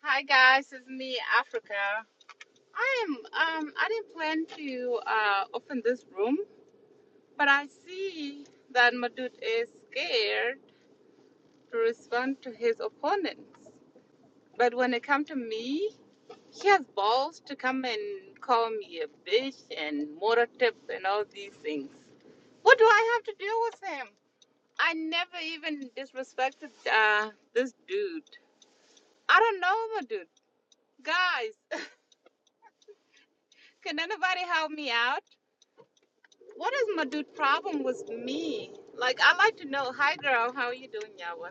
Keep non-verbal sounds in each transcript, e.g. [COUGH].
Hi guys, it's me, Africa. I am. Um, I didn't plan to uh, open this room, but I see that Madut is scared to respond to his opponents. But when it comes to me, he has balls to come and call me a bitch and motor tip and all these things. What do I have to deal with him? I never even disrespected uh, this dude. I don't know Madut. Guys, [LAUGHS] can anybody help me out? What is my dude problem with me? Like, I like to know, hi girl, how are you doing, Yawa?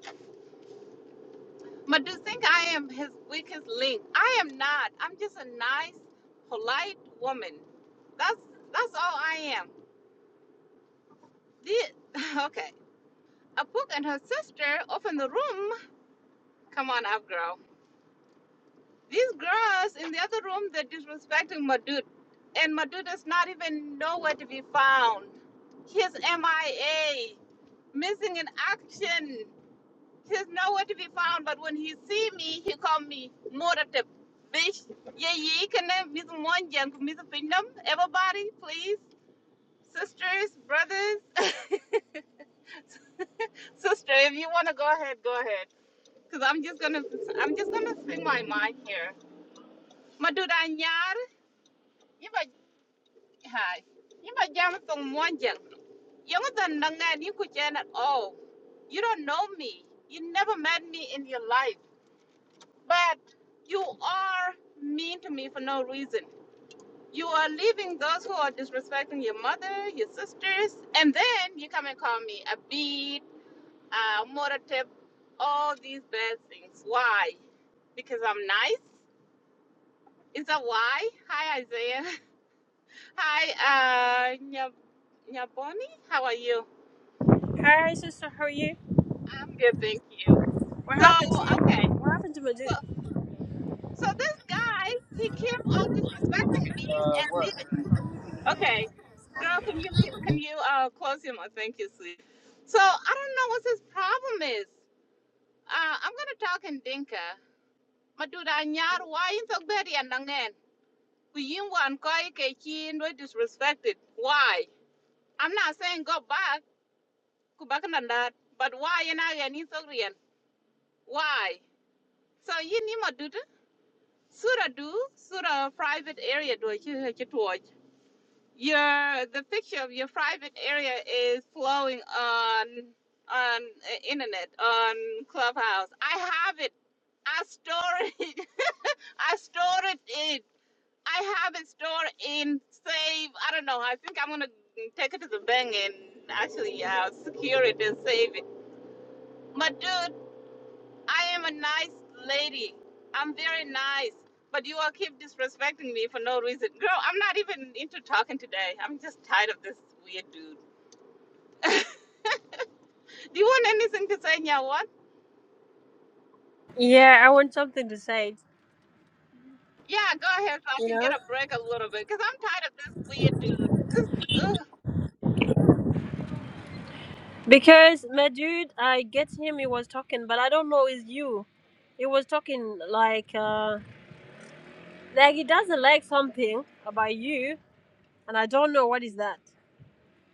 My dude think I am his weakest link. I am not. I'm just a nice, polite woman. That's that's all I am. The, [LAUGHS] okay. Apuk and her sister open the room. Come on up, girl. These girls in the other room, they're disrespecting my dude. And my dude is not even nowhere to be found. He is MIA, missing in action. He's nowhere to be found, but when he see me, he call me Moratip. Bish, yeah, yeah, can I miss one young miss Pindam? Everybody, please. Sisters, brothers, [LAUGHS] sister, if you wanna go ahead, go ahead. Cause I'm just gonna I'm just gonna speak my mind here. Madura nyar, iba hi. Iba jam tong one young. Young than nangan you could at all. You don't know me. You never met me in your life. But you are mean to me for no reason. You are leaving those who are disrespecting your mother, your sisters, and then you come and call me a beat, a moratip, all these bad things. Why? Because I'm nice? Is that why? Hi, Isaiah. [LAUGHS] Hi, uh, Nya- Nyaboni. How are you? Hi, sister, how are you? I'm good, thank you. What So, happened to you? okay. What happened to So, Madud? so this guy, he keep on disrespecting me and leaving. Okay, girl, can you leave, can you uh close your mouth? thank you, sweet. So I don't know what his problem is. Uh, I'm gonna talk in Dinka. Maduda nyar why you so bad and nangen? Kuyin wan koi ke chin we disrespected. Why? I'm not saying go back, go back and that, but why and I and so real? Why? So you need maduda? Sura do, sura private area do you have to watch. Your the picture of your private area is flowing on on uh, internet on Clubhouse. I have it. I store [LAUGHS] it. I stored it. I have it stored in save. I don't know. I think I'm gonna take it to the bank and actually uh, secure it and save it. But dude, I am a nice lady. I'm very nice. But you all keep disrespecting me for no reason. Girl, I'm not even into talking today. I'm just tired of this weird dude. Do you want anything to say, Nya? What? Yeah, I want something to say, Yeah, go ahead so I you can get know? a break a little bit because I'm tired of this weird dude. Ugh. Because Madud, I get him, he was talking, but I don't know it's you. He was talking like, uh, like he doesn't like something about you, and I don't know what is that.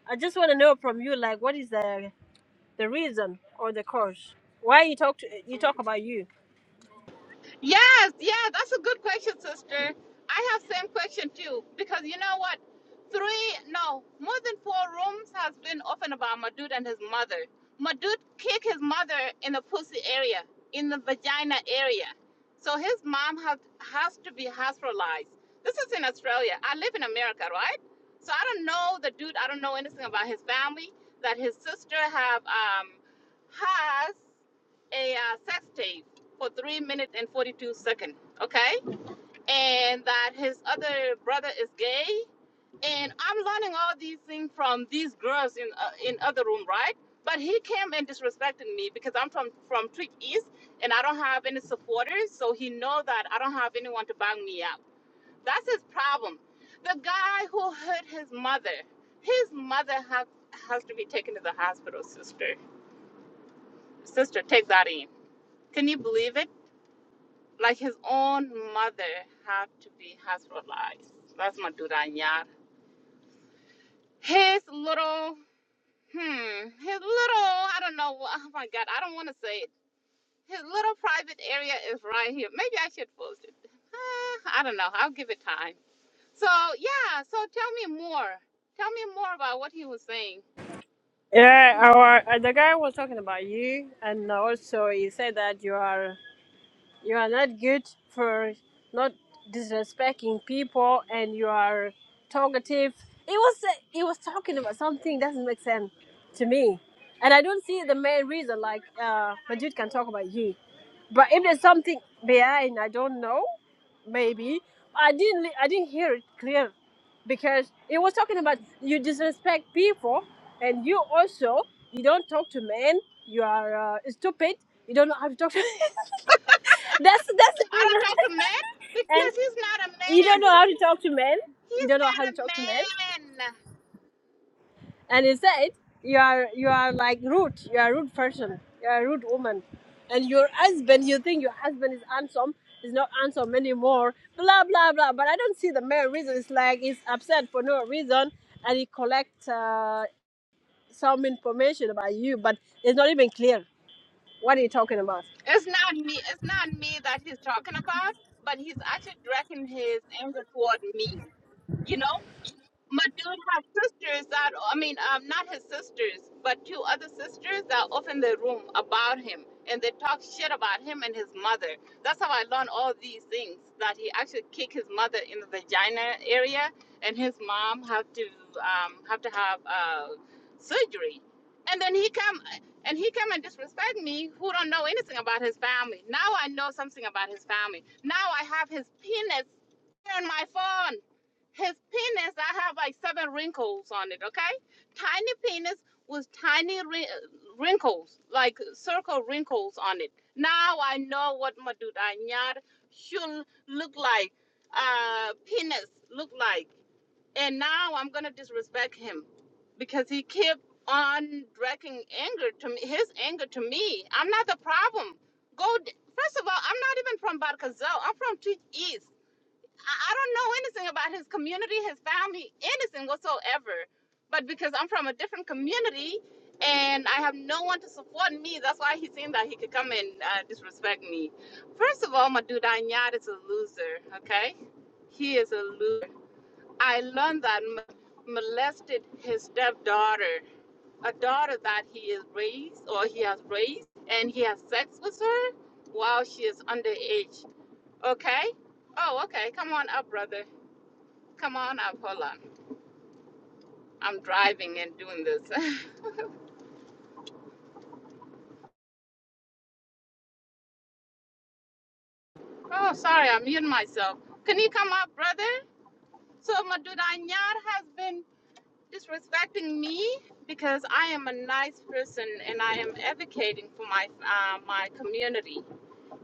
I just want to know from you, like, what is the the reason or the cause? Why you talk to, you talk about you? Yes, yeah, that's a good question, sister. I have same question too because you know what? Three, no, more than four rooms has been open about Madud and his mother. Madud kicked his mother in the pussy area, in the vagina area. So his mom has has to be hospitalized. This is in Australia. I live in America, right? So I don't know the dude. I don't know anything about his family. That his sister have um has a uh, sex tape for three minutes and 42 seconds, okay? And that his other brother is gay. And I'm learning all these things from these girls in uh, in other room, right? But he came and disrespected me because I'm from from Trick East and I don't have any supporters, so he know that I don't have anyone to bang me up. That's his problem. The guy who hurt his mother, his mother has has to be taken to the hospital, sister. Sister, take that in. Can you believe it? Like his own mother had to be hospitalized. That's Madura Nyar. His little, hmm, his little, I don't know, wha- oh my God, I don't want to say it. His little private area is right here. Maybe I should post it. [SIGHS] Ah, I don't know. I'll give it time. So, yeah, so tell me more. Tell me more about what he was saying. Yeah, our, uh, the guy was talking about you, and also he said that you are. You are not good for not disrespecting people, and you are talkative. It was it was talking about something doesn't make sense to me, and I don't see the main reason. Like uh, Majid can talk about you, but if there's something behind, I don't know. Maybe I didn't I didn't hear it clear because it was talking about you disrespect people and you also you don't talk to men you are uh, stupid you don't know how to talk to [LAUGHS] That's that's the I don't reason. talk to men And because he's not a you don't man. know how to talk to men. You He's don't know how not a to talk to men. man. And instead, you are you are like rude. You are a rude person. You are a rude woman. And your husband, you think your husband is handsome, is not handsome anymore. Blah blah blah. But I don't see the main reason. It's like he's upset for no reason, and he collect uh, some information about you, but it's not even clear. What are you talking about? It's not me. It's not me that he's talking about, but he's actually directing his anger toward me. You know my dude has sisters that I mean, um, not his sisters, but two other sisters that are off in the room about him, and they talk shit about him and his mother. That's how I learned all these things. That he actually kicked his mother in the vagina area, and his mom had to um, have to have uh, surgery. And then he come and he come and disrespect me, who don't know anything about his family. Now I know something about his family. Now I have his penis on my phone. His penis, I have like seven wrinkles on it, okay? Tiny penis with tiny wrinkles, like circle wrinkles on it. Now I know what Madudanyar should look like, uh, penis look like. And now I'm gonna disrespect him because he kept on directing anger to me, his anger to me. I'm not the problem. Go, d- first of all, I'm not even from Barkazal. I'm from Tweed East. I, I don't know anything about his community, his family, anything whatsoever. But because I'm from a different community and I have no one to support me, that's why he seemed that he could come and uh, disrespect me. First of all, my dude Anyad is a loser, okay? He is a loser. I learned that m- molested his stepdaughter, a daughter that he is raised or he has raised, and he has sex with her while she is underage, okay? Oh, okay. Come on up, brother. Come on up. Hold on. I'm driving and doing this. [LAUGHS] oh, sorry. I'm muting myself. Can you come up, brother? So, my Maduda Anyar has been disrespecting me because I am a nice person and I am advocating for my uh, my community.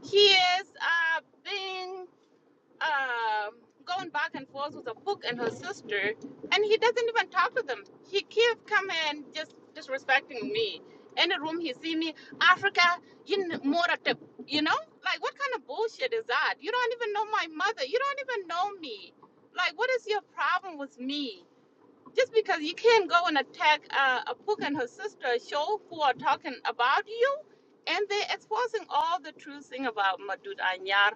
He is uh, being um, going back and forth with a book and her sister, and he doesn't even talk to them. He keeps coming and just disrespecting me. In the room, he see me, Africa, you n- more at the, you know, like what kind of bullshit is that? You don't even know my mother. You don't even know me. Like, what is your problem with me? just because you can't go and attack uh, Apuk and her sister Show who are talking about you, and they're exposing all the true thing about Madud Anyar.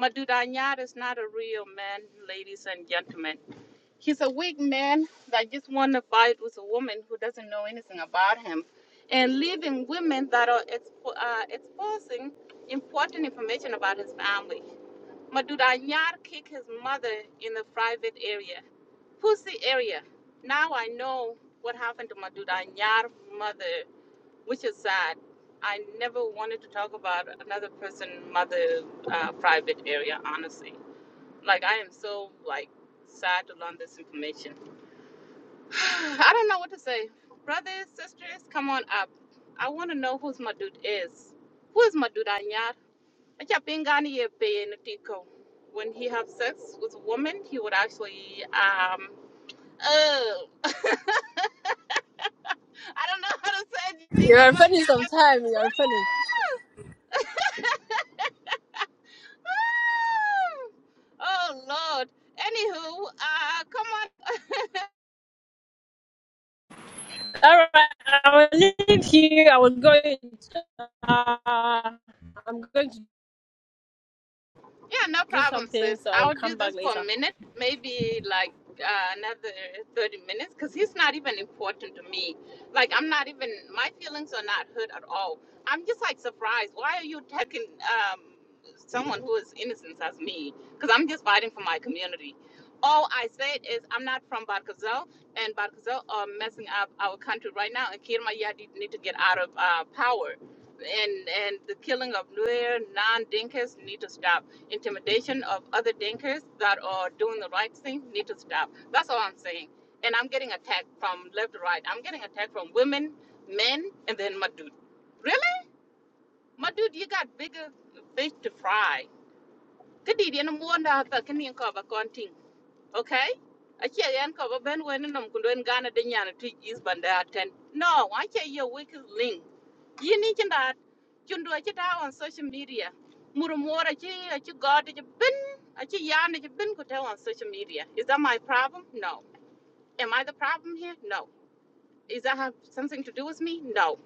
Madud Anyar is not a real man, ladies and gentlemen. He's a weak man that just want to fight with a woman who doesn't know anything about him, and leaving women that are expo- uh, exposing important information about his family. Madud Anyar kicked his mother in the private area Pussy area. Now I know what happened to Maduda Nyar mother, which is sad. I never wanted to talk about another person mother uh, private area, honestly. Like I am so like sad to learn this information. [SIGHS] I don't know what to say. Brothers, sisters, come on up. I want to know who's my dude is. Who is my dude Anyar? Achapingani Yepe Natiko. When he have sex with a woman, he would actually um oh [LAUGHS] I don't know how to say anything. You Oh are my funny sometimes. You are funny. God. [LAUGHS] Woo! oh Lord. Anywho, uh, come on. All right, I will leave here. I was going. To, uh, I'm going to Yeah, no do problem, something, sis. so I will I'll do come back this for later. a minute, maybe like uh, another 30 minutes, because he's not even important to me. Like, I'm not even, my feelings are not hurt at all. I'm just like surprised. Why are you attacking um, someone who is innocent as me? Because I'm just fighting for my community. All I said is I'm not from Barkazel, and Barkazel are messing up our country right now, and Kirma Yadi need to get out of uh, power. And, and the killing of Nuer, non-Dinkas need to stop intimidation of other Dinkers that are doing the right thing need to stop. That's all I'm saying. And I'm getting attacked from left to right. I'm getting attacked from women, men, and then my dude. Really? My dude, you got bigger fish to fry. Kadi di na mo na ta kini ko ba okay ache yan ko ba ben wen nom kun den gana de nyana tu is banda ten no ache ye weak link yini kinda chundo ache ta on social media muru mora che ache god ache bin ache yan ache bin ko ta on social media is that my problem no am i the problem here no is that have something to do with me no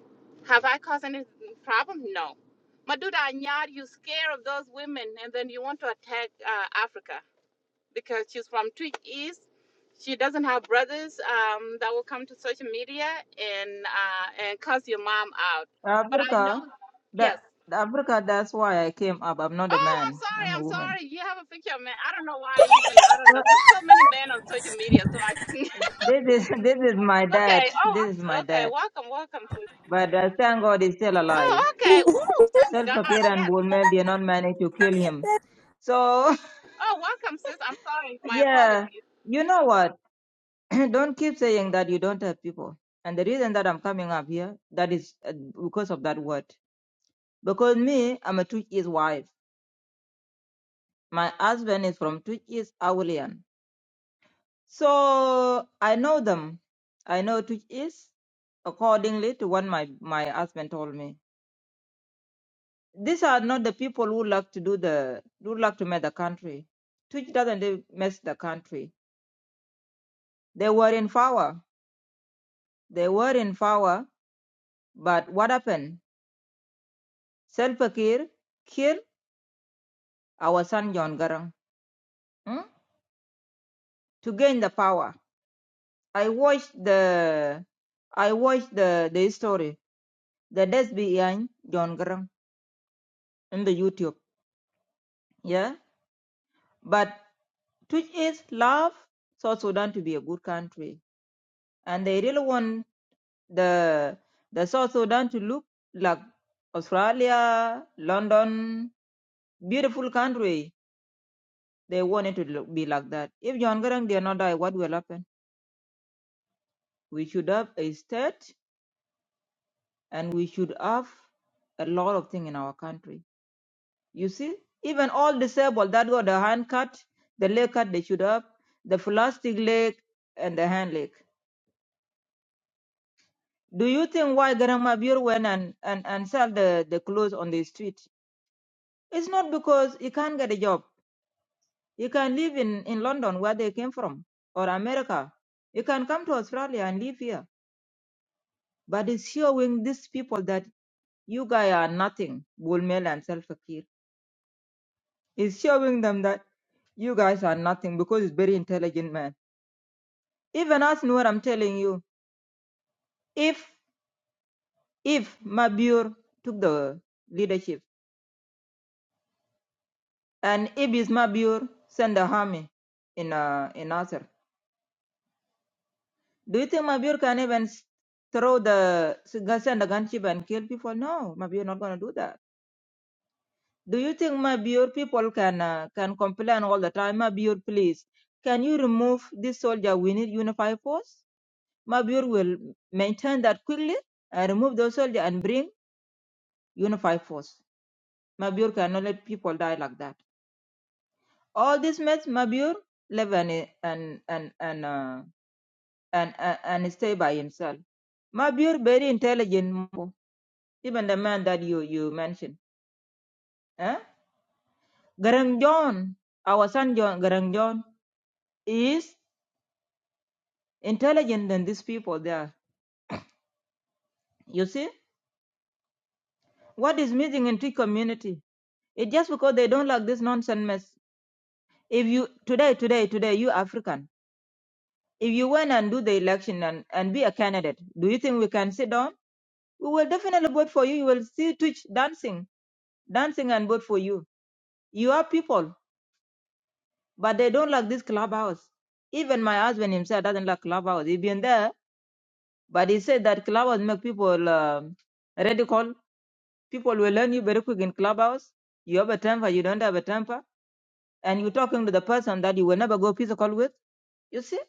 have i caused any problem no Maduda Anyar, you scared of those women and then you want to attack uh, Africa because she's from Twitch East. She doesn't have brothers um, that will come to social media and uh, and cuss your mom out. But I know, Africa, yes. that Africa. That's why I came up. I'm not a Oh, I'm man. sorry. I'm a I'm woman. sorry. You have a picture of man. I don't know why. I Even I don't know. But There's so many men on social media. So I [LAUGHS] this is [LAUGHS] this is my okay. dad. Oh, This is I'm my okay. dad. Welcome, welcome, sis. But uh, thank God he's still alive. Oh, okay. Ooh, thank God. Self-Fakir and Yes. Bulmel did not manage to kill him. So Oh, welcome, sis. I'm sorry. [LAUGHS] My yeah, apologies. you know what? [CLEARS THROAT] don't keep saying that you don't have people. And the reason that I'm coming up here, that is uh, because of that word. Because me, I'm a Twitch wife. My husband is from Twitch East So I know them. I know it is accordingly to what my, my husband told me. These are not the people who love to do the who love to make the country. Twitch doesn't do- mess the country. They were in power. They were in power, but what happened? Salva Kiir killed our son John Garang hmm, to gain the power. I watched the I watched the the story, the death behind John Garang in the YouTube. Yeah, but Which is love South Sudan to be a good country, and they really want the the South Sudan to look like Australia, London, beautiful country. They want it to look, be like that. If John Garang did not die, what will happen? We should have a state, and we should have a lot of things in our country. You see, even all disabled that got the hand cut, the leg cut, they should have the plastic leg and the hand leg. Do you think why Grandma Buell went and, and, and sell the, the clothes on the street? It's not because he can't get a job. He can live in, in London where they came from or America. He can come to Australia and live here. But it's showing these people that you guys are nothing, Bulmel and Selfakir. It's showing them that you guys are nothing because it's very intelligent man. Even us know what I'm telling you. If if Mabur took the leadership, And if it's Mabur, send the army in uh, in Nasser. Do you think Mabur can even s- throw the s- send a gunship and kill people? No, Mabur not gonna do that. Do you think Mabur people can uh, can complain all the time? Mabur, please, can you remove this soldier? We need unified force. Mabur will maintain that quickly and remove those soldier and bring unified force. Mabur cannot let people die like that. All this mess, Mabur live and and and and. Uh, and, and, and stay by himself. Mabur, very intelligent, even the man that you, you mentioned. Eh? Garang John, our son John, Garang John, is intelligent than these people there. You see, what is missing in Tree community? It's just because they don't like this nonsense mess. If you, today, today, today, you African, if you went and do the election and, and be a candidate, do you think we can sit down? We will definitely vote for you. You will see Twitch dancing, dancing and vote for you. You are people. but they don't like this clubhouse. Even my husband himself doesn't like clubhouse. He's been there, but he said that clubhouse make people um, radical. People will learn you very quick in clubhouse. You have a temper, you don't have a temper, and you're talking to the person that you will never go physical with. You see,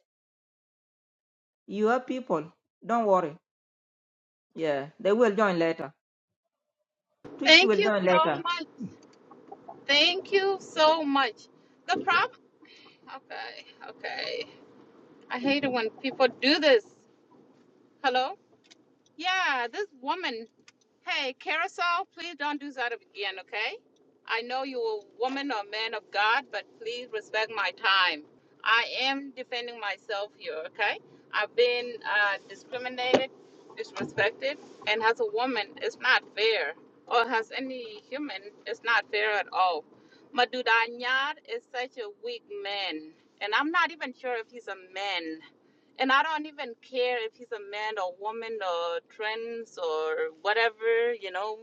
you have people. Don't worry. Yeah, they will join later. Twitch Thank will you join so later. much. Thank you so much. The problem. Okay. Okay. I hate it when people do this. Hello? Yeah, this woman. Hey, Carousel, please don't do that again, okay? I know you're a woman or man of God, but please respect my time. I am defending myself here, okay? I've been uh, discriminated, disrespected, and as a woman, it's not fair. Or as any human, it's not fair at all. Madudanyar is such a weak man, and I'm not even sure if he's a man and I don't even care if he's a man or woman or trans or whatever, you know,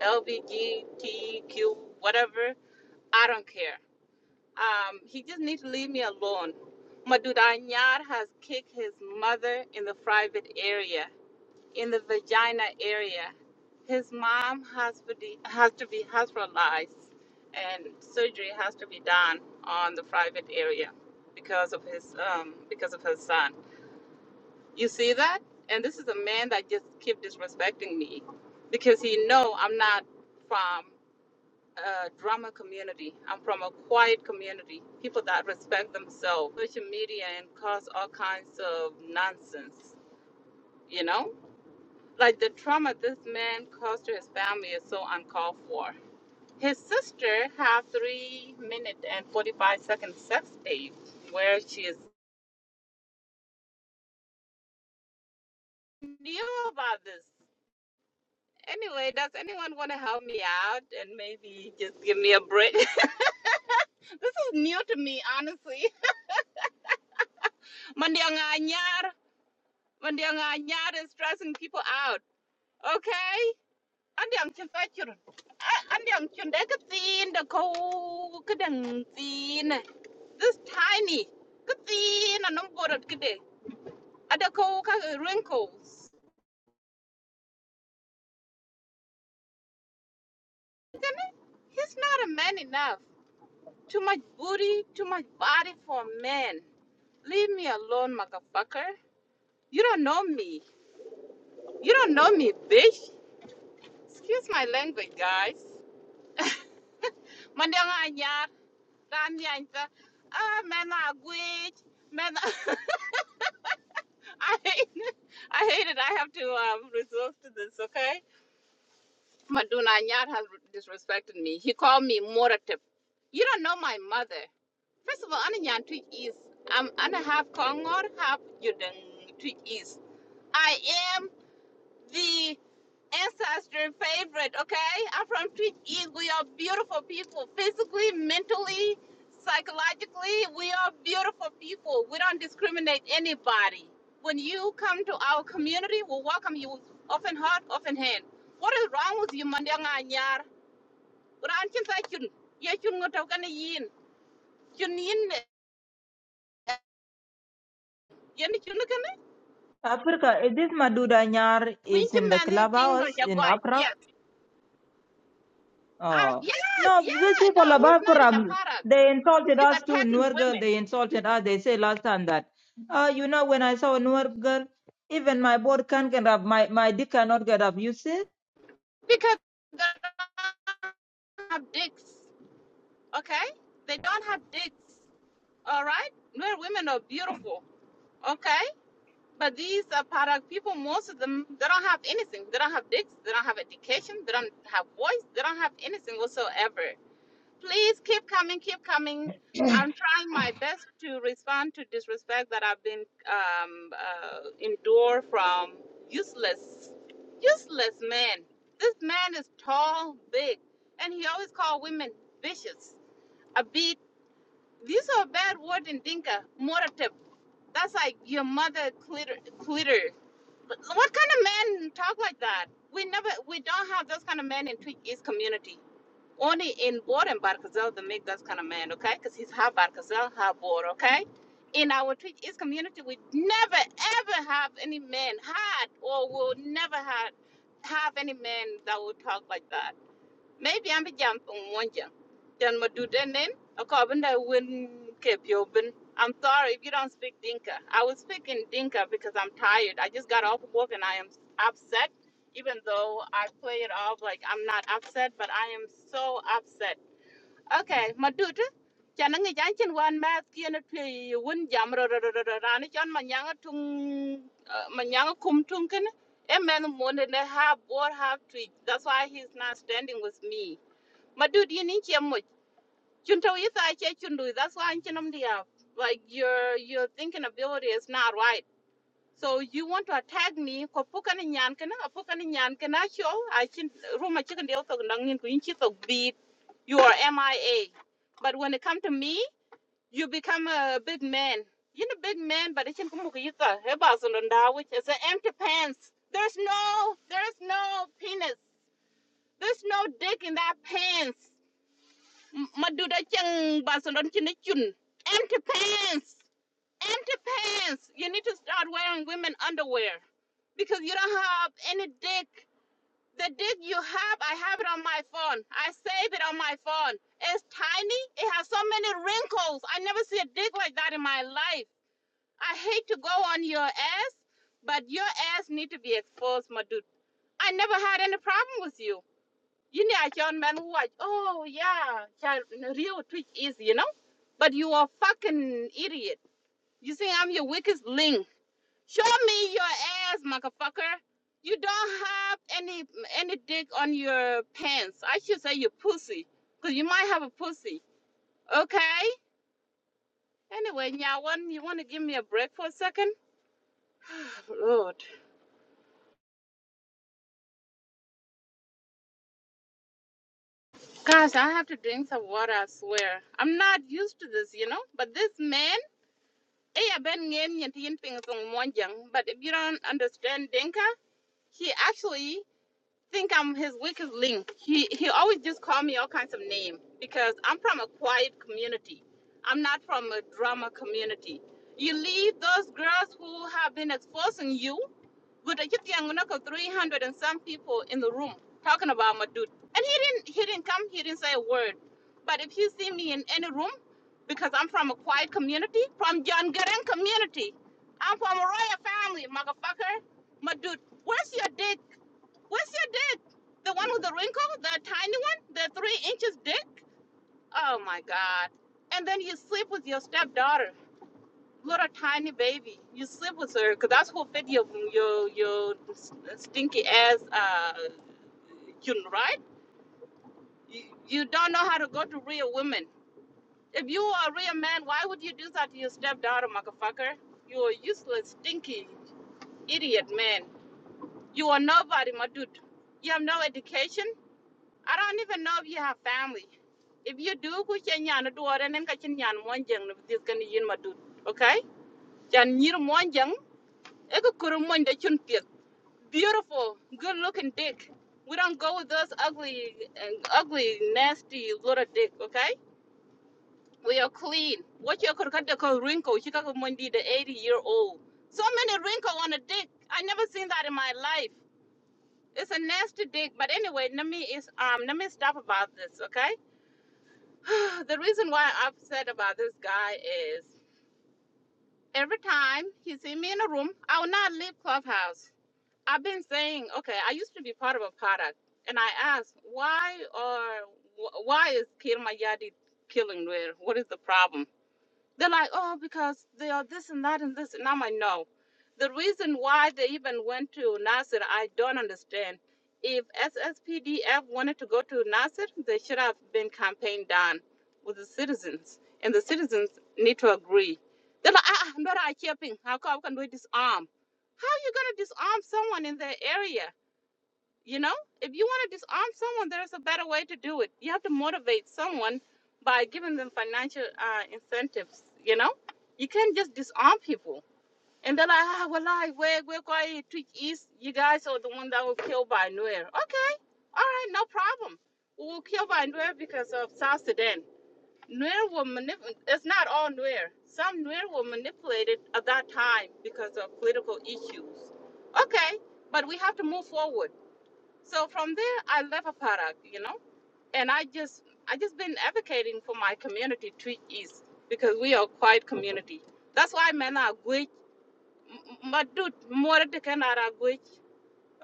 LBGTQ, whatever. I don't care. Um, he just needs to leave me alone. Madud Anyar has kicked his mother in the private area, in the vagina area. His mom has, to be- has to be hospitalized and surgery has to be done on the private area because of his um, because of his son. You see that? And this is a man that just keep disrespecting me because he know I'm not from a drama community. I'm from a quiet community. People that respect themselves. Social media and cause all kinds of nonsense, you know? Like the trauma this man caused to his family is so uncalled for. His sister had three minute and forty five second sex tape where she is knew about this. Anyway, does anyone want to help me out and maybe just give me a break? [LAUGHS] this is new to me, honestly. Mandianganyar, Mandianganyar is stressing people out. Okay? Andiang chifachur. Andiang chundekatin, the ko kadangtin. This tiny. Katin, and I'm good at kide. Adako wrinkles. He's not a man enough. Too much booty, too much body for a man. Leave me alone, motherfucker. You don't know me. You don't know me, bitch. Excuse my language, guys. [LAUGHS] Mandiang anyar, ran yanta. Ah, man, I quit. Man, [LAUGHS] I hate it. I hate it. I have to um, resort to this, okay? Maduna anyar has disrespected me. He called me morative. You don't know my mother. First of all, Anna Nyan Tweet East. I'm Anna half Kongor, half Yudeng Tweet is. I am. the ancestry favorite, okay? I'm from Twitch. We are beautiful people, physically, mentally, psychologically. We are beautiful people. We don't discriminate anybody. When you come to our community, we welcome you with open heart, open hand. What is wrong with you, Mandanga Nyar? Ran chin sai chun. Ye chun ngo tau kana yin. Chun yin ne. Yen chun kana. Africa, eh, this Maduda Nyar Queen is chim in the man ting do clubhouse in Accra jagwai. I, Oh yes, no, yeah. these No, people of he's not in a Abraham, product. they insulted He's us too. attacking Nuer girl, women they insulted us. They say last time that, uh, you know, when I saw a newer girl, even my board can't get up. My my dick cannot get up. You see, because they don't have dicks. Okay? They don't have dicks. All right? Where women are beautiful. Okay? But these are product people, most of them, they don't have anything. They don't have dicks. They don't have education. They don't have voice. They don't have anything whatsoever. Please keep coming, keep coming. I'm trying my best to respond to disrespect that I've been um, uh, endured from useless, useless men. This man is tall, big, and he always call women vicious. A beat. These are bad word in Dinka. Moratip. That's like your mother clitter. clitter. What kind of man talk like that? We never, we don't have those kind of men in Tweet East community only in board and Barkazel they make that kind of man, okay? Because he's half Barkazel, half board, okay? In our Twitch East community, we never ever have any man had or will never had have any man that will talk like that maybe I'm a jump on one jump. Then my do then then a carbon that wouldn't keep you open. I'm sorry if you don't speak Dinka. I was speaking Dinka because I'm tired. I just got off of work and I am upset, even though I play it off like I'm not upset, but I am so upset. Okay, my dude. Chana ngi jan chen wan ma kien a pye yu wun jam ro ro ro ro ro ra ni chon ma nyang a tung uh, ma nyang a kum tung kin. E men mo tweet. That's why he's not standing with me ma dude you need your much chunto is i che chundu that's why i'm chinam dia like your your thinking ability is not right so you want to attack me ko pukan ni nyan kana pukan ni nyan kana show i chin ruma chicken deal to ngin ku inchi to beat you are mia but when it come to me you become a big man you're a big man but it's in kumukita heba sonda which is an empty pants there's no there's no penis there's no dick in that pants maduda chang basalon chine chun empty pants empty pants you need to start wearing women underwear because you don't have any dick the dick you have i have it on my phone i save it on my phone it's tiny it has so many wrinkles i never see a dick like that in my life i hate to go on your ass but your ass need to be exposed my dude i never had any problem with you Yin ya John man watch. Oh yeah, child, real twitch is you know, but you are fucking idiot. You think I'm your weakest link? Show me your ass, motherfucker. You don't have any any dick on your pants. I should say your pussy, cause you might have a pussy. Okay. Anyway, Nyawan, you want to give me a break for a second? [SIGHS] Lord. Gosh, I have to drink some water, I swear. I'm not used to this, you know? But this man. Iya ben ngen yen tin ping song monjang, but if you don't understand Dinka, he actually think I'm his weakest link. He he always just call me all kinds of names because I'm from a quiet community. I'm not from a drama community. You leave those girls who have been exposing you Good, I just young, know, 300 and some people in the room talking about Madud. And he didn't, he didn't come, he didn't say a word. But if you see me in any room, because I'm from a quiet community, from John Garen community, I'm from a royal family, motherfucker. Madud, where's your dick? Where's your dick? The one with the wrinkle, the tiny one, the three inches dick? Oh my God. And then you sleep with your stepdaughter little tiny baby. You sleep with her because that's who fed your your your stinky ass. Uh, you know, right? You, you don't know how to go to real women. If you are a real man, why would you do that to your stepdaughter, motherfucker? You are useless, stinky, idiot man. You are nobody, my dude. You have no education. I don't even know if you have family. If you do, ku chen yan do and then ka chen yan mon jang this can yin my dude. Okay? Chan nyir mon jang, e ko kuru mon da chun tia beautiful, good looking dick. We don't go with those ugly, ugly, nasty little dick, okay? We are clean. What you could cut the call wrinkle, Chicago Monday, the 80 year old. So many wrinkles on a dick. I never seen that in my life. It's a nasty dick, but anyway, let me is um let me stop about this, okay? [SIGHS] the reason why I'm upset about this guy is every time he see me in a room, I will not leave clubhouse. I've been saying, okay, I used to be part of a product, and I asked why or why is Kir Mayadi killing Nuer? What is the problem? They're like, oh, because they are this and that and this. And I'm like, no. The reason why they even went to Nasser, I don't understand. If SSPDF wanted to go to Nasser, they should have been campaigned down with the citizens. And the citizens need to agree. They're like, ah, ah, I'm not a chipping. How come how can we disarm? How are you going to disarm someone in their area? You know, if you want to disarm someone, there's a better way to do it. You have to motivate someone by giving them financial uh, incentives. You know, you can't just disarm people. And they're like, ah, well, I, we're, we're going to Twitch East. You guys are the one that was killed by Nuer. Okay, all right, no problem. We were killed by Nuer because of South Sudan. Nuer were manip- It's not all Nuer. Some Nuer were manipulated at that time because of political issues. Okay, but we have to move forward so from there, I left a product, you know, and I just I just been advocating for my community to east because we are quite community. That's why men are good. But dude, more the kind are good.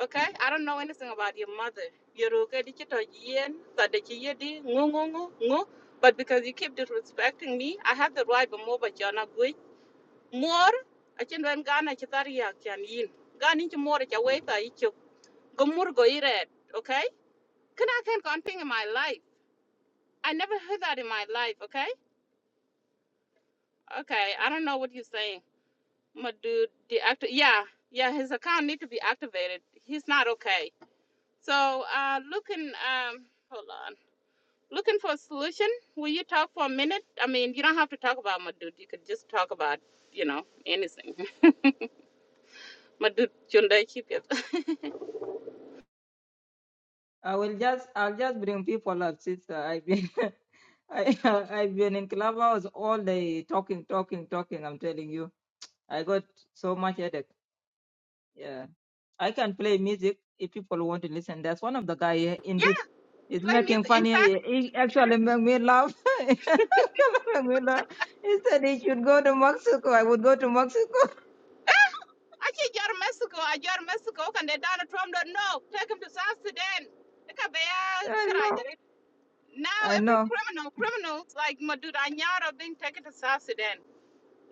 Okay, I don't know anything about your mother. You're okay, did you talk yen, that did you di, ngu ngu ngu ngu. But because you keep disrespecting me, I have the right, but more, but you're not good. More, I can run Ghana, Chitaria, Chan Yin. Gun into more, it's a way that you go go eat it. Can I thank God thing in my life? I never heard that in my life, okay? Okay, I don't know what you're saying. My dude, the actor, yeah, yeah, his account need to be activated. He's not okay. So, uh, looking, um, hold on. Looking for a solution? Will you talk for a minute? I mean, you don't have to talk about my dude. You could just talk about, you know, anything. [LAUGHS] My dude, Chunda, keep it. [LAUGHS] I will just I'll just bring people up, sister. I've been [LAUGHS] I I've been in clubhouse all day talking, talking, talking. I'm telling you, I got so much headache. Yeah. I can play music if people want to listen. That's one of the guy here in this is Play making music. In funny. fact, He actually made me laugh. [LAUGHS] He Make me laugh. He said he should go to Mexico. I would go to Mexico. [LAUGHS] I can't go to Mexico. I go to Mexico, and they Donald Trump don't know. Take him to South Sudan. Look at I Bayal, know. Now I every know. criminal, criminals like Madudanyar are being taken to South Sudan.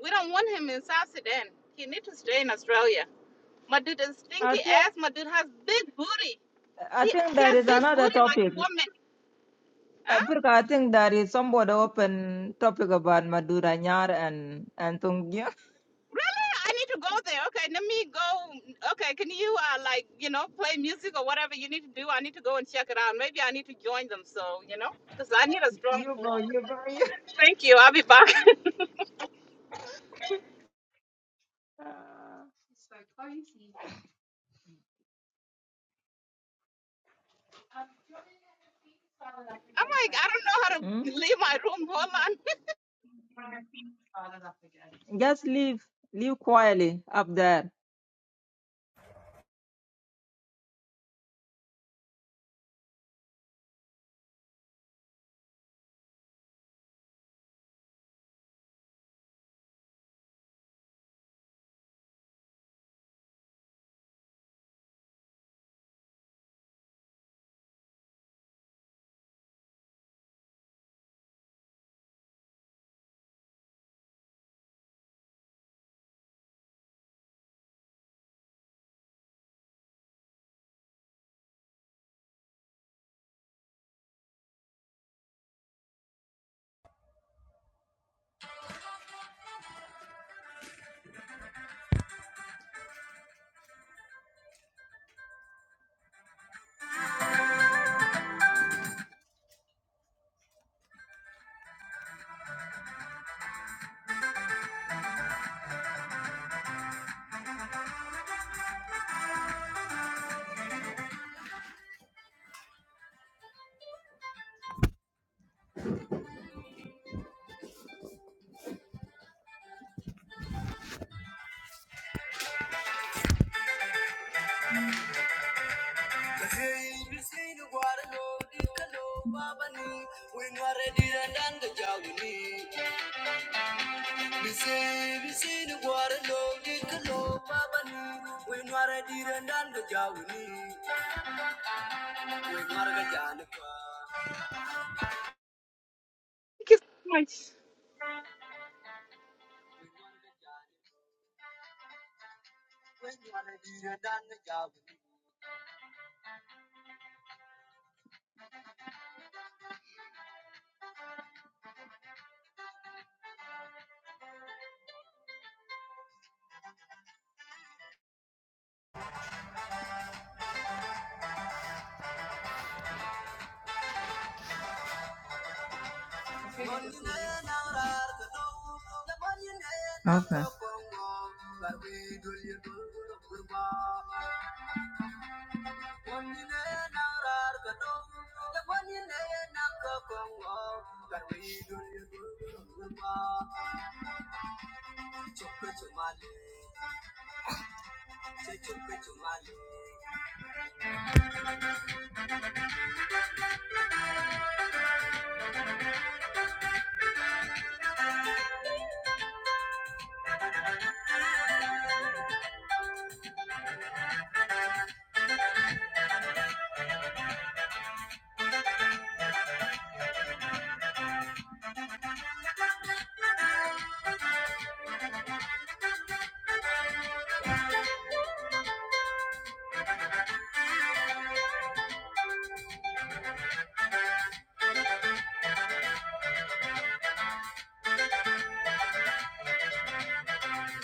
We don't want him in South Sudan. He need to stay in Australia. Madud is I stinky think, ass. Madud has big booty. I He, think he there has is big another booty like a topic. woman. Huh? Africa, I think there is somewhat open topic about Madura Nyar and, and Tungia. Really? I need to go there. Okay, let me go. Okay, can you uh, like you know play music or whatever you need to do? I need to go and check it out. Maybe I need to join them. So you know, because I need a [LAUGHS] strong You go, form. you go, you. Thank you. I'll be back. [LAUGHS] I'm like I don't know how to Hmm? leave my room. Hold on. Just leave, leave quietly up there. [LAUGHS] Thank you so much. Okay. Chukka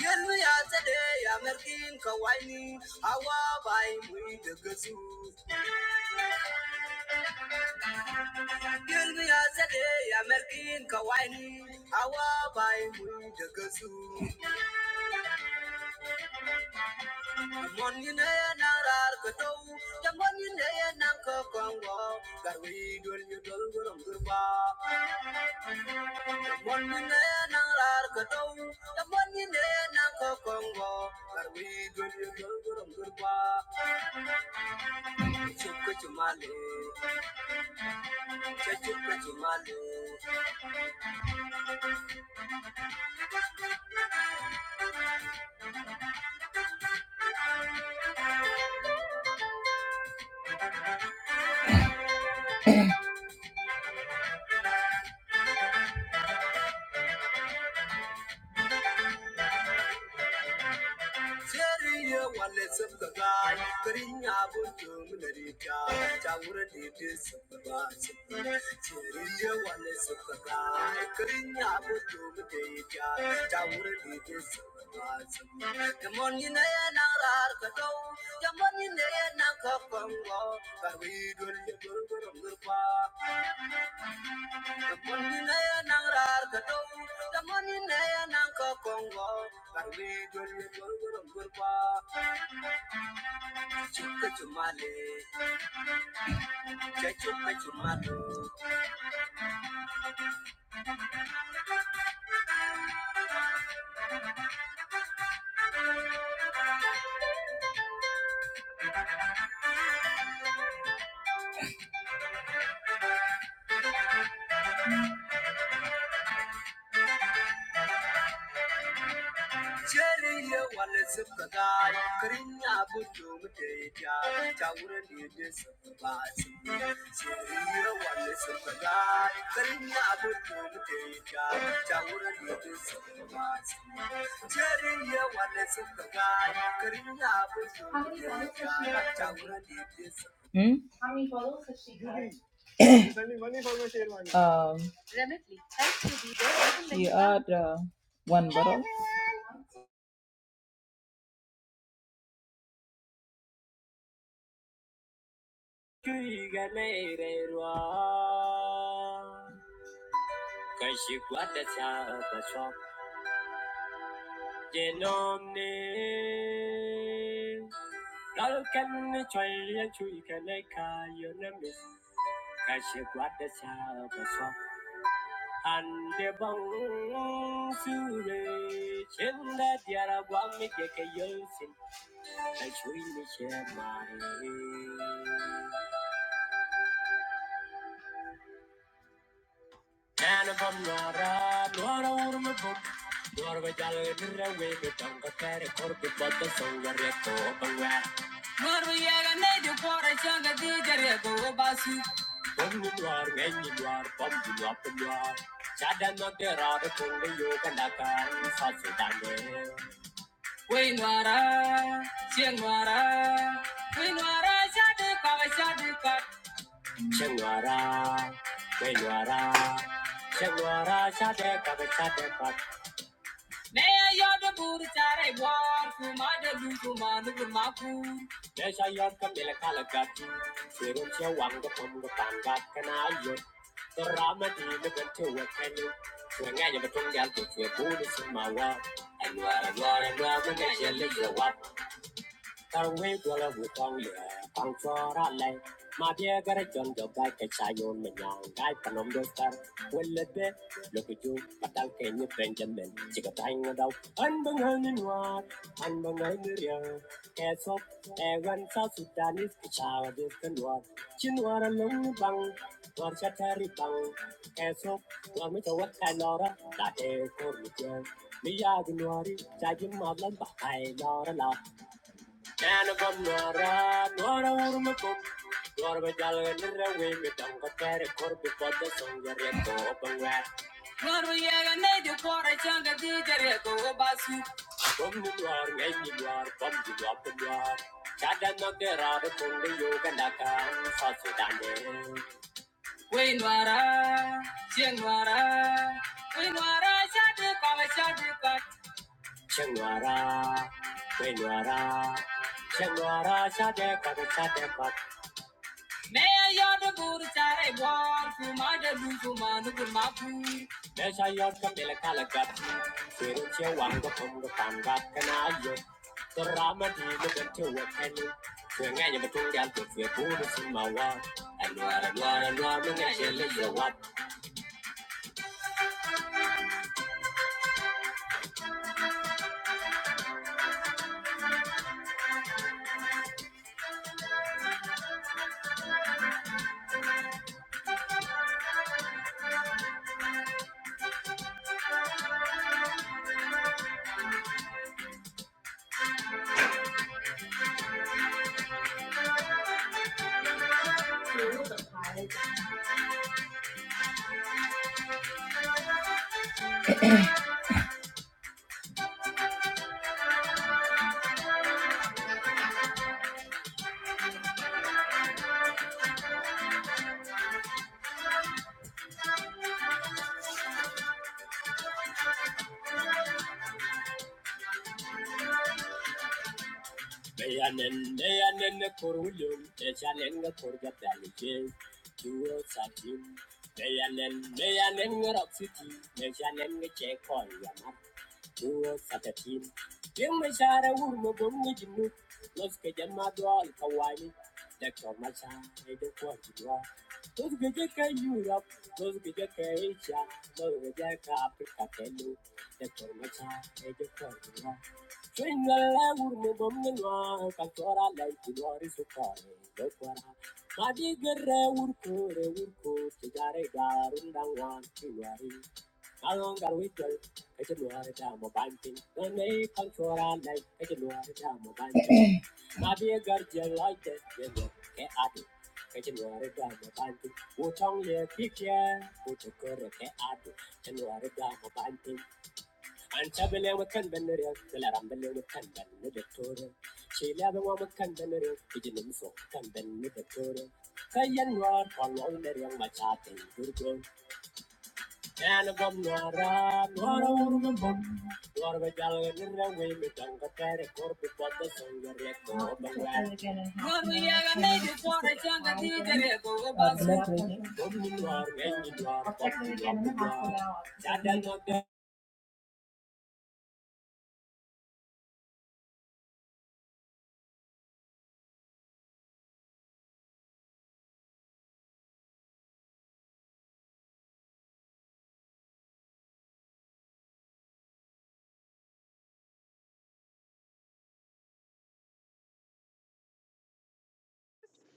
Yelmi ya tsade ya merkin kawaini hawa bai mui da gasu. Yelmi ya tsade ya merkin kawaini hawa bai mui da gasu. Mon you nay na rar ko to, ya mon you nay na ko kongo, gar wi dul you dul gurum gurba. Ya mon you nay na rar ko to, ya mon you nay na ko kongo, gar wi dul you dul gurum gurba. Chup ko chumale, chup ko chumale, Teria wallets of the Teriye wale sabga, karinya buntum narika, chawure dite sabga sabga. Teriye wale sabga, karinya buntum narika, chawure dite sabga sabga. Yamoni ne na rar kato, yamoni ne na kapango, kavidul yagur gurum gurpa. Yamoni ne na rar kato, yamoni ne na kapango, kavidul yagur gurum gurpa. chupetumale, Hmm? Um, Remotely, thanks You add uh, one bottle. Cause you got the child that's wrong, you know me Kuiga mere rwa Kashikwata chapa chop Genomne Kalkan choya chuika leka yonamis Kashikwata chapa chop Ande bang sure Chinda diara wami deke yosin Kashui ni shemare And if I'm not up, not out of my book. Nor of a jolly little way, the tongue of carry corpus, but the song of red to open where. When you are, when you are, bump you up and you are. Shadan not there are the only you can attack, South Sudan. Shangwara, Benwara, Shangwara, Shadeka, Meeshaayyoon kan miila kalagaatti seerumsee waan gabamu gataan baatkanaayyoo torraamatii mibantuu wakkanii wangaaja batungaal tuffee buuni simaawaa anwaara anwaara anwaara magajalle yawaa Karwe gwala wutong ye, pang chora le. Ma bie gare chon jo gai ke chayon me nyang gai panom do star. Welle be, loku ju, patal ke nye Benjamin, chika tai nga dau. An bang hang in war, an bang hang in ria. Ke sop, e wan sa sudanis ke chawa dis kan war. Chin war a lung ni bang, war cha tari bang. Ke sop, war mi chawat kai lora, da te kor mi jen. Mi ya gin wari, cha ma blan ba kai lora la. Nana Banara, Nora Urmakum, Norma Dalla and Raway, Madanga Terry Corby for the song, the Reto Openware. Norma Yaga made you for a chunk of the Reto Basu. From the door, made you are from the drop and yard. Chada no gerada from the yoga naka, Sasu We Nwara, Ching Nwara, We Nwara, Changwara, Changwara, Changwara, Chate Pat, Chate Pat. May I yard the Buddha Chare war, Kumada Luzuman, Kumapu, Mesha Yorka Pelakalakat, Sirucha Wanga Pumba Pangat, Kanayo, the Ramadi, looked to a penny. Swing any between the Tua Kenu, Swinging a Tungal to Fibu, Sumawa, and Wara, Wara, Wara, Munga, Meyanen, meyanen ne korulum, eşanen ne korgat dalice, kuro satim. Meyanen, meyanen ne rapsiti, eşanen ne çekol yamak, kuro satatim. Yung meşare vurma bungi cimnu, los gece madol kawaii. dekor maşare de korkudua. Los gece ke Europe, los gece Asia, los gece Africa Afrika kelu, dekor maşare de korkudua. Swinga urme bomne noa, kakora lai kuwari sukare, dekwara. Madi gerre urko re urko, tigare garunda wan kuwari. Along our winter, I can wear it down my banking. Don't make control like I can wear it down my banking. My dear guardian like that, you know, get at it. I can wear it down my banking. What on your picture? Put a Antabele wakan benerio, Telarambele wakan ben Victoria. Chilaba wakan benerio, Pigeon so can ben Victoria. Kayan war on all the young machate, Gurgo, and a bomb noir, nor a woman bomb, nor a gallon in with Uncle corporate for the singer, yet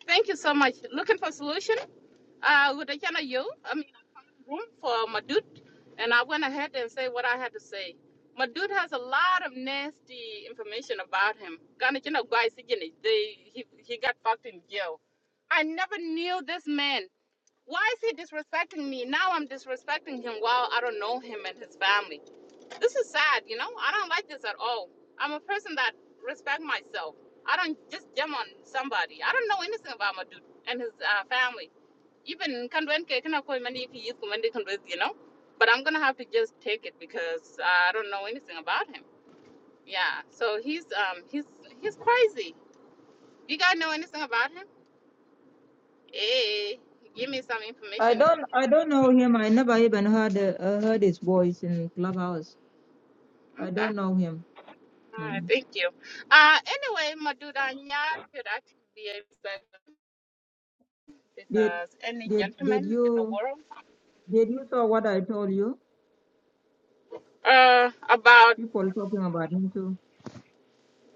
Thank you so much. Looking for solution? Uh, with the channel you, I mean, I found room for Madut, and I went ahead and said what I had to say. Madut has a lot of nasty information about him. Kind of, you know chana gwai sijini. They he he got fucked in jail. I never knew this man. Why is he disrespecting me? Now I'm disrespecting him while I don't know him and his family. This is sad, you know. I don't like this at all. I'm a person that respect myself. I don't just jump on somebody. I don't know anything about my dude and his uh, family. Even Kandwenke, you know. But I'm gonna have to just take it because I don't know anything about him. Yeah. So he's um he's he's crazy. You guys know anything about him? Hey, give me some I information. don't I don't know him. I never even heard uh, heard his voice in Clubhouse. I Okay. don't know him. All right. Mm. Thank you. Uh, anyway, my dude, I could actually be a Did because any did did gentleman in the you world did you saw what I told you? uh, about People talking about him too.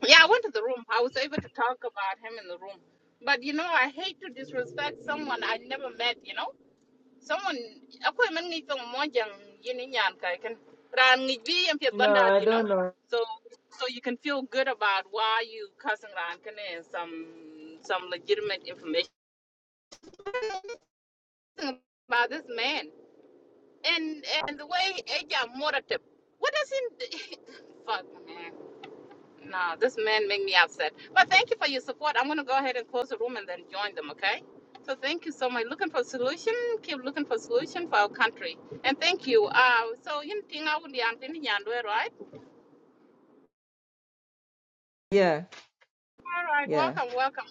yeah i went to the room i was able to talk about him in the room but you know i hate to disrespect someone i never met you know someone akwai man ngi tong mo jang yini nyan kai kan ran ngi bi yam pet No, bandad I you know don't know. so so you can feel good about why you cussing ran kan and some some legitimate information about this man and and the way eja moratep what does he [LAUGHS] fuck man No, this man make me upset. But thank you for your support. I'm gonna go ahead and close the room and then join them, okay? So thank you so much. Looking for solution, keep looking for solution for our country. And thank you. Uh so you think I would be right? Yeah, All right, yeah. welcome, welcome.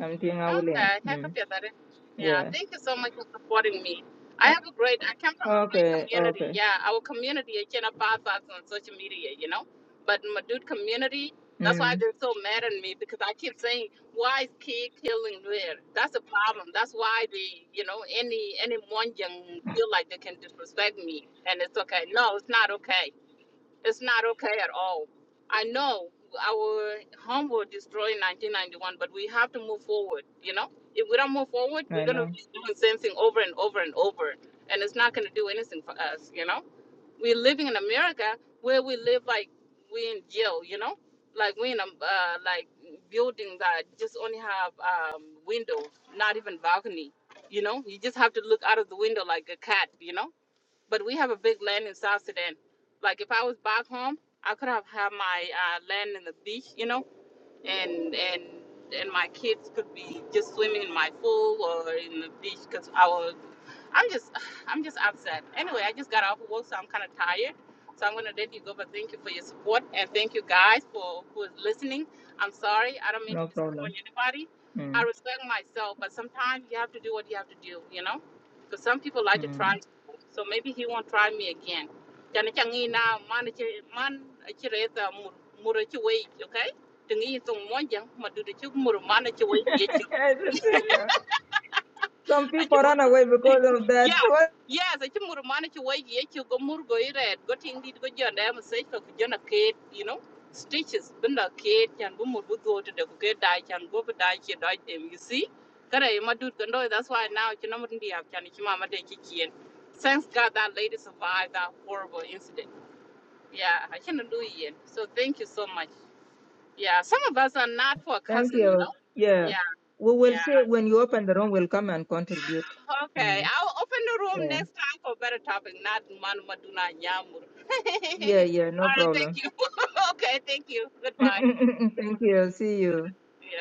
I'm Tina William. Okay, I Mm. computer. Yeah, Yeah. thank you so much for supporting me. I O- have a great, I come from a great okay, community. okay. Yeah, our community, I cannot pass us on social media, you know? But my dude community, that's why Mm. they're so mad at me because I keep saying, why is kid killing there? That's a problem. That's why they, you know, any any one feel like they can disrespect me and it's okay. No, it's not okay. It's not okay at all. I know our home was destroyed in 1991, but we have to move forward. You know, if we don't move forward, we're I going to know. be doing the same thing over and over and over, and it's not going to do anything for us. You know, we're living in America where we live like we in jail. You know, like we in a uh, like building that just only have um, windows, not even balcony. You know, you just have to look out of the window like a cat. You know but we have a big land in South Sudan. Like if I was back home, I could have had my uh, land in the beach, you know, and and and my kids could be just swimming in my pool or in the beach because our I'm just, [SIGHS] I'm just upset. Anyway, I just got off of work, so I'm kind of tired. So I'm gonna let you go, but thank you for your support and thank you guys for who's listening. I'm sorry, I don't mean to No disappoint problem. anybody. I Mm. respect myself, but sometimes you have to do what you have to do, you know. Because some people like to Mm. try, so maybe he won't try me again. Jana changi na man chi- man chi reza mur mur chi wei, okay? Tingi tong monjang madu de chuk mur man chi wei [LAUGHS] ye I just said, uh, Some people chuk. run away because of that. Yeah, What? yes. I ci mur mana ci wai ye ci go mur go ire go ting go jonda am sai to ku jona you know, stitches bin da ke yan bu mur bu do to da ku ke da yan go bu da ke da dem you see. Kare ma dut ko ndo that's why now ci namur ndi am kan ci mama de ki Thanks God that lady survived that horrible incident. Yeah, I cannot do it. yet. So thank you so much. Yeah, some of us are not for Thank cousin, you you. know. Yeah. Yeah, We will yeah. say when you open the room, we'll come and contribute. Okay, Mm. I'll open the room Yeah. next time for better topic, not Manu Maduna Nyamur. [LAUGHS] Yeah, yeah. All No right, thank problem. you. [LAUGHS] okay, thank you. [LAUGHS] Goodbye. Thank you. See you. Yeah.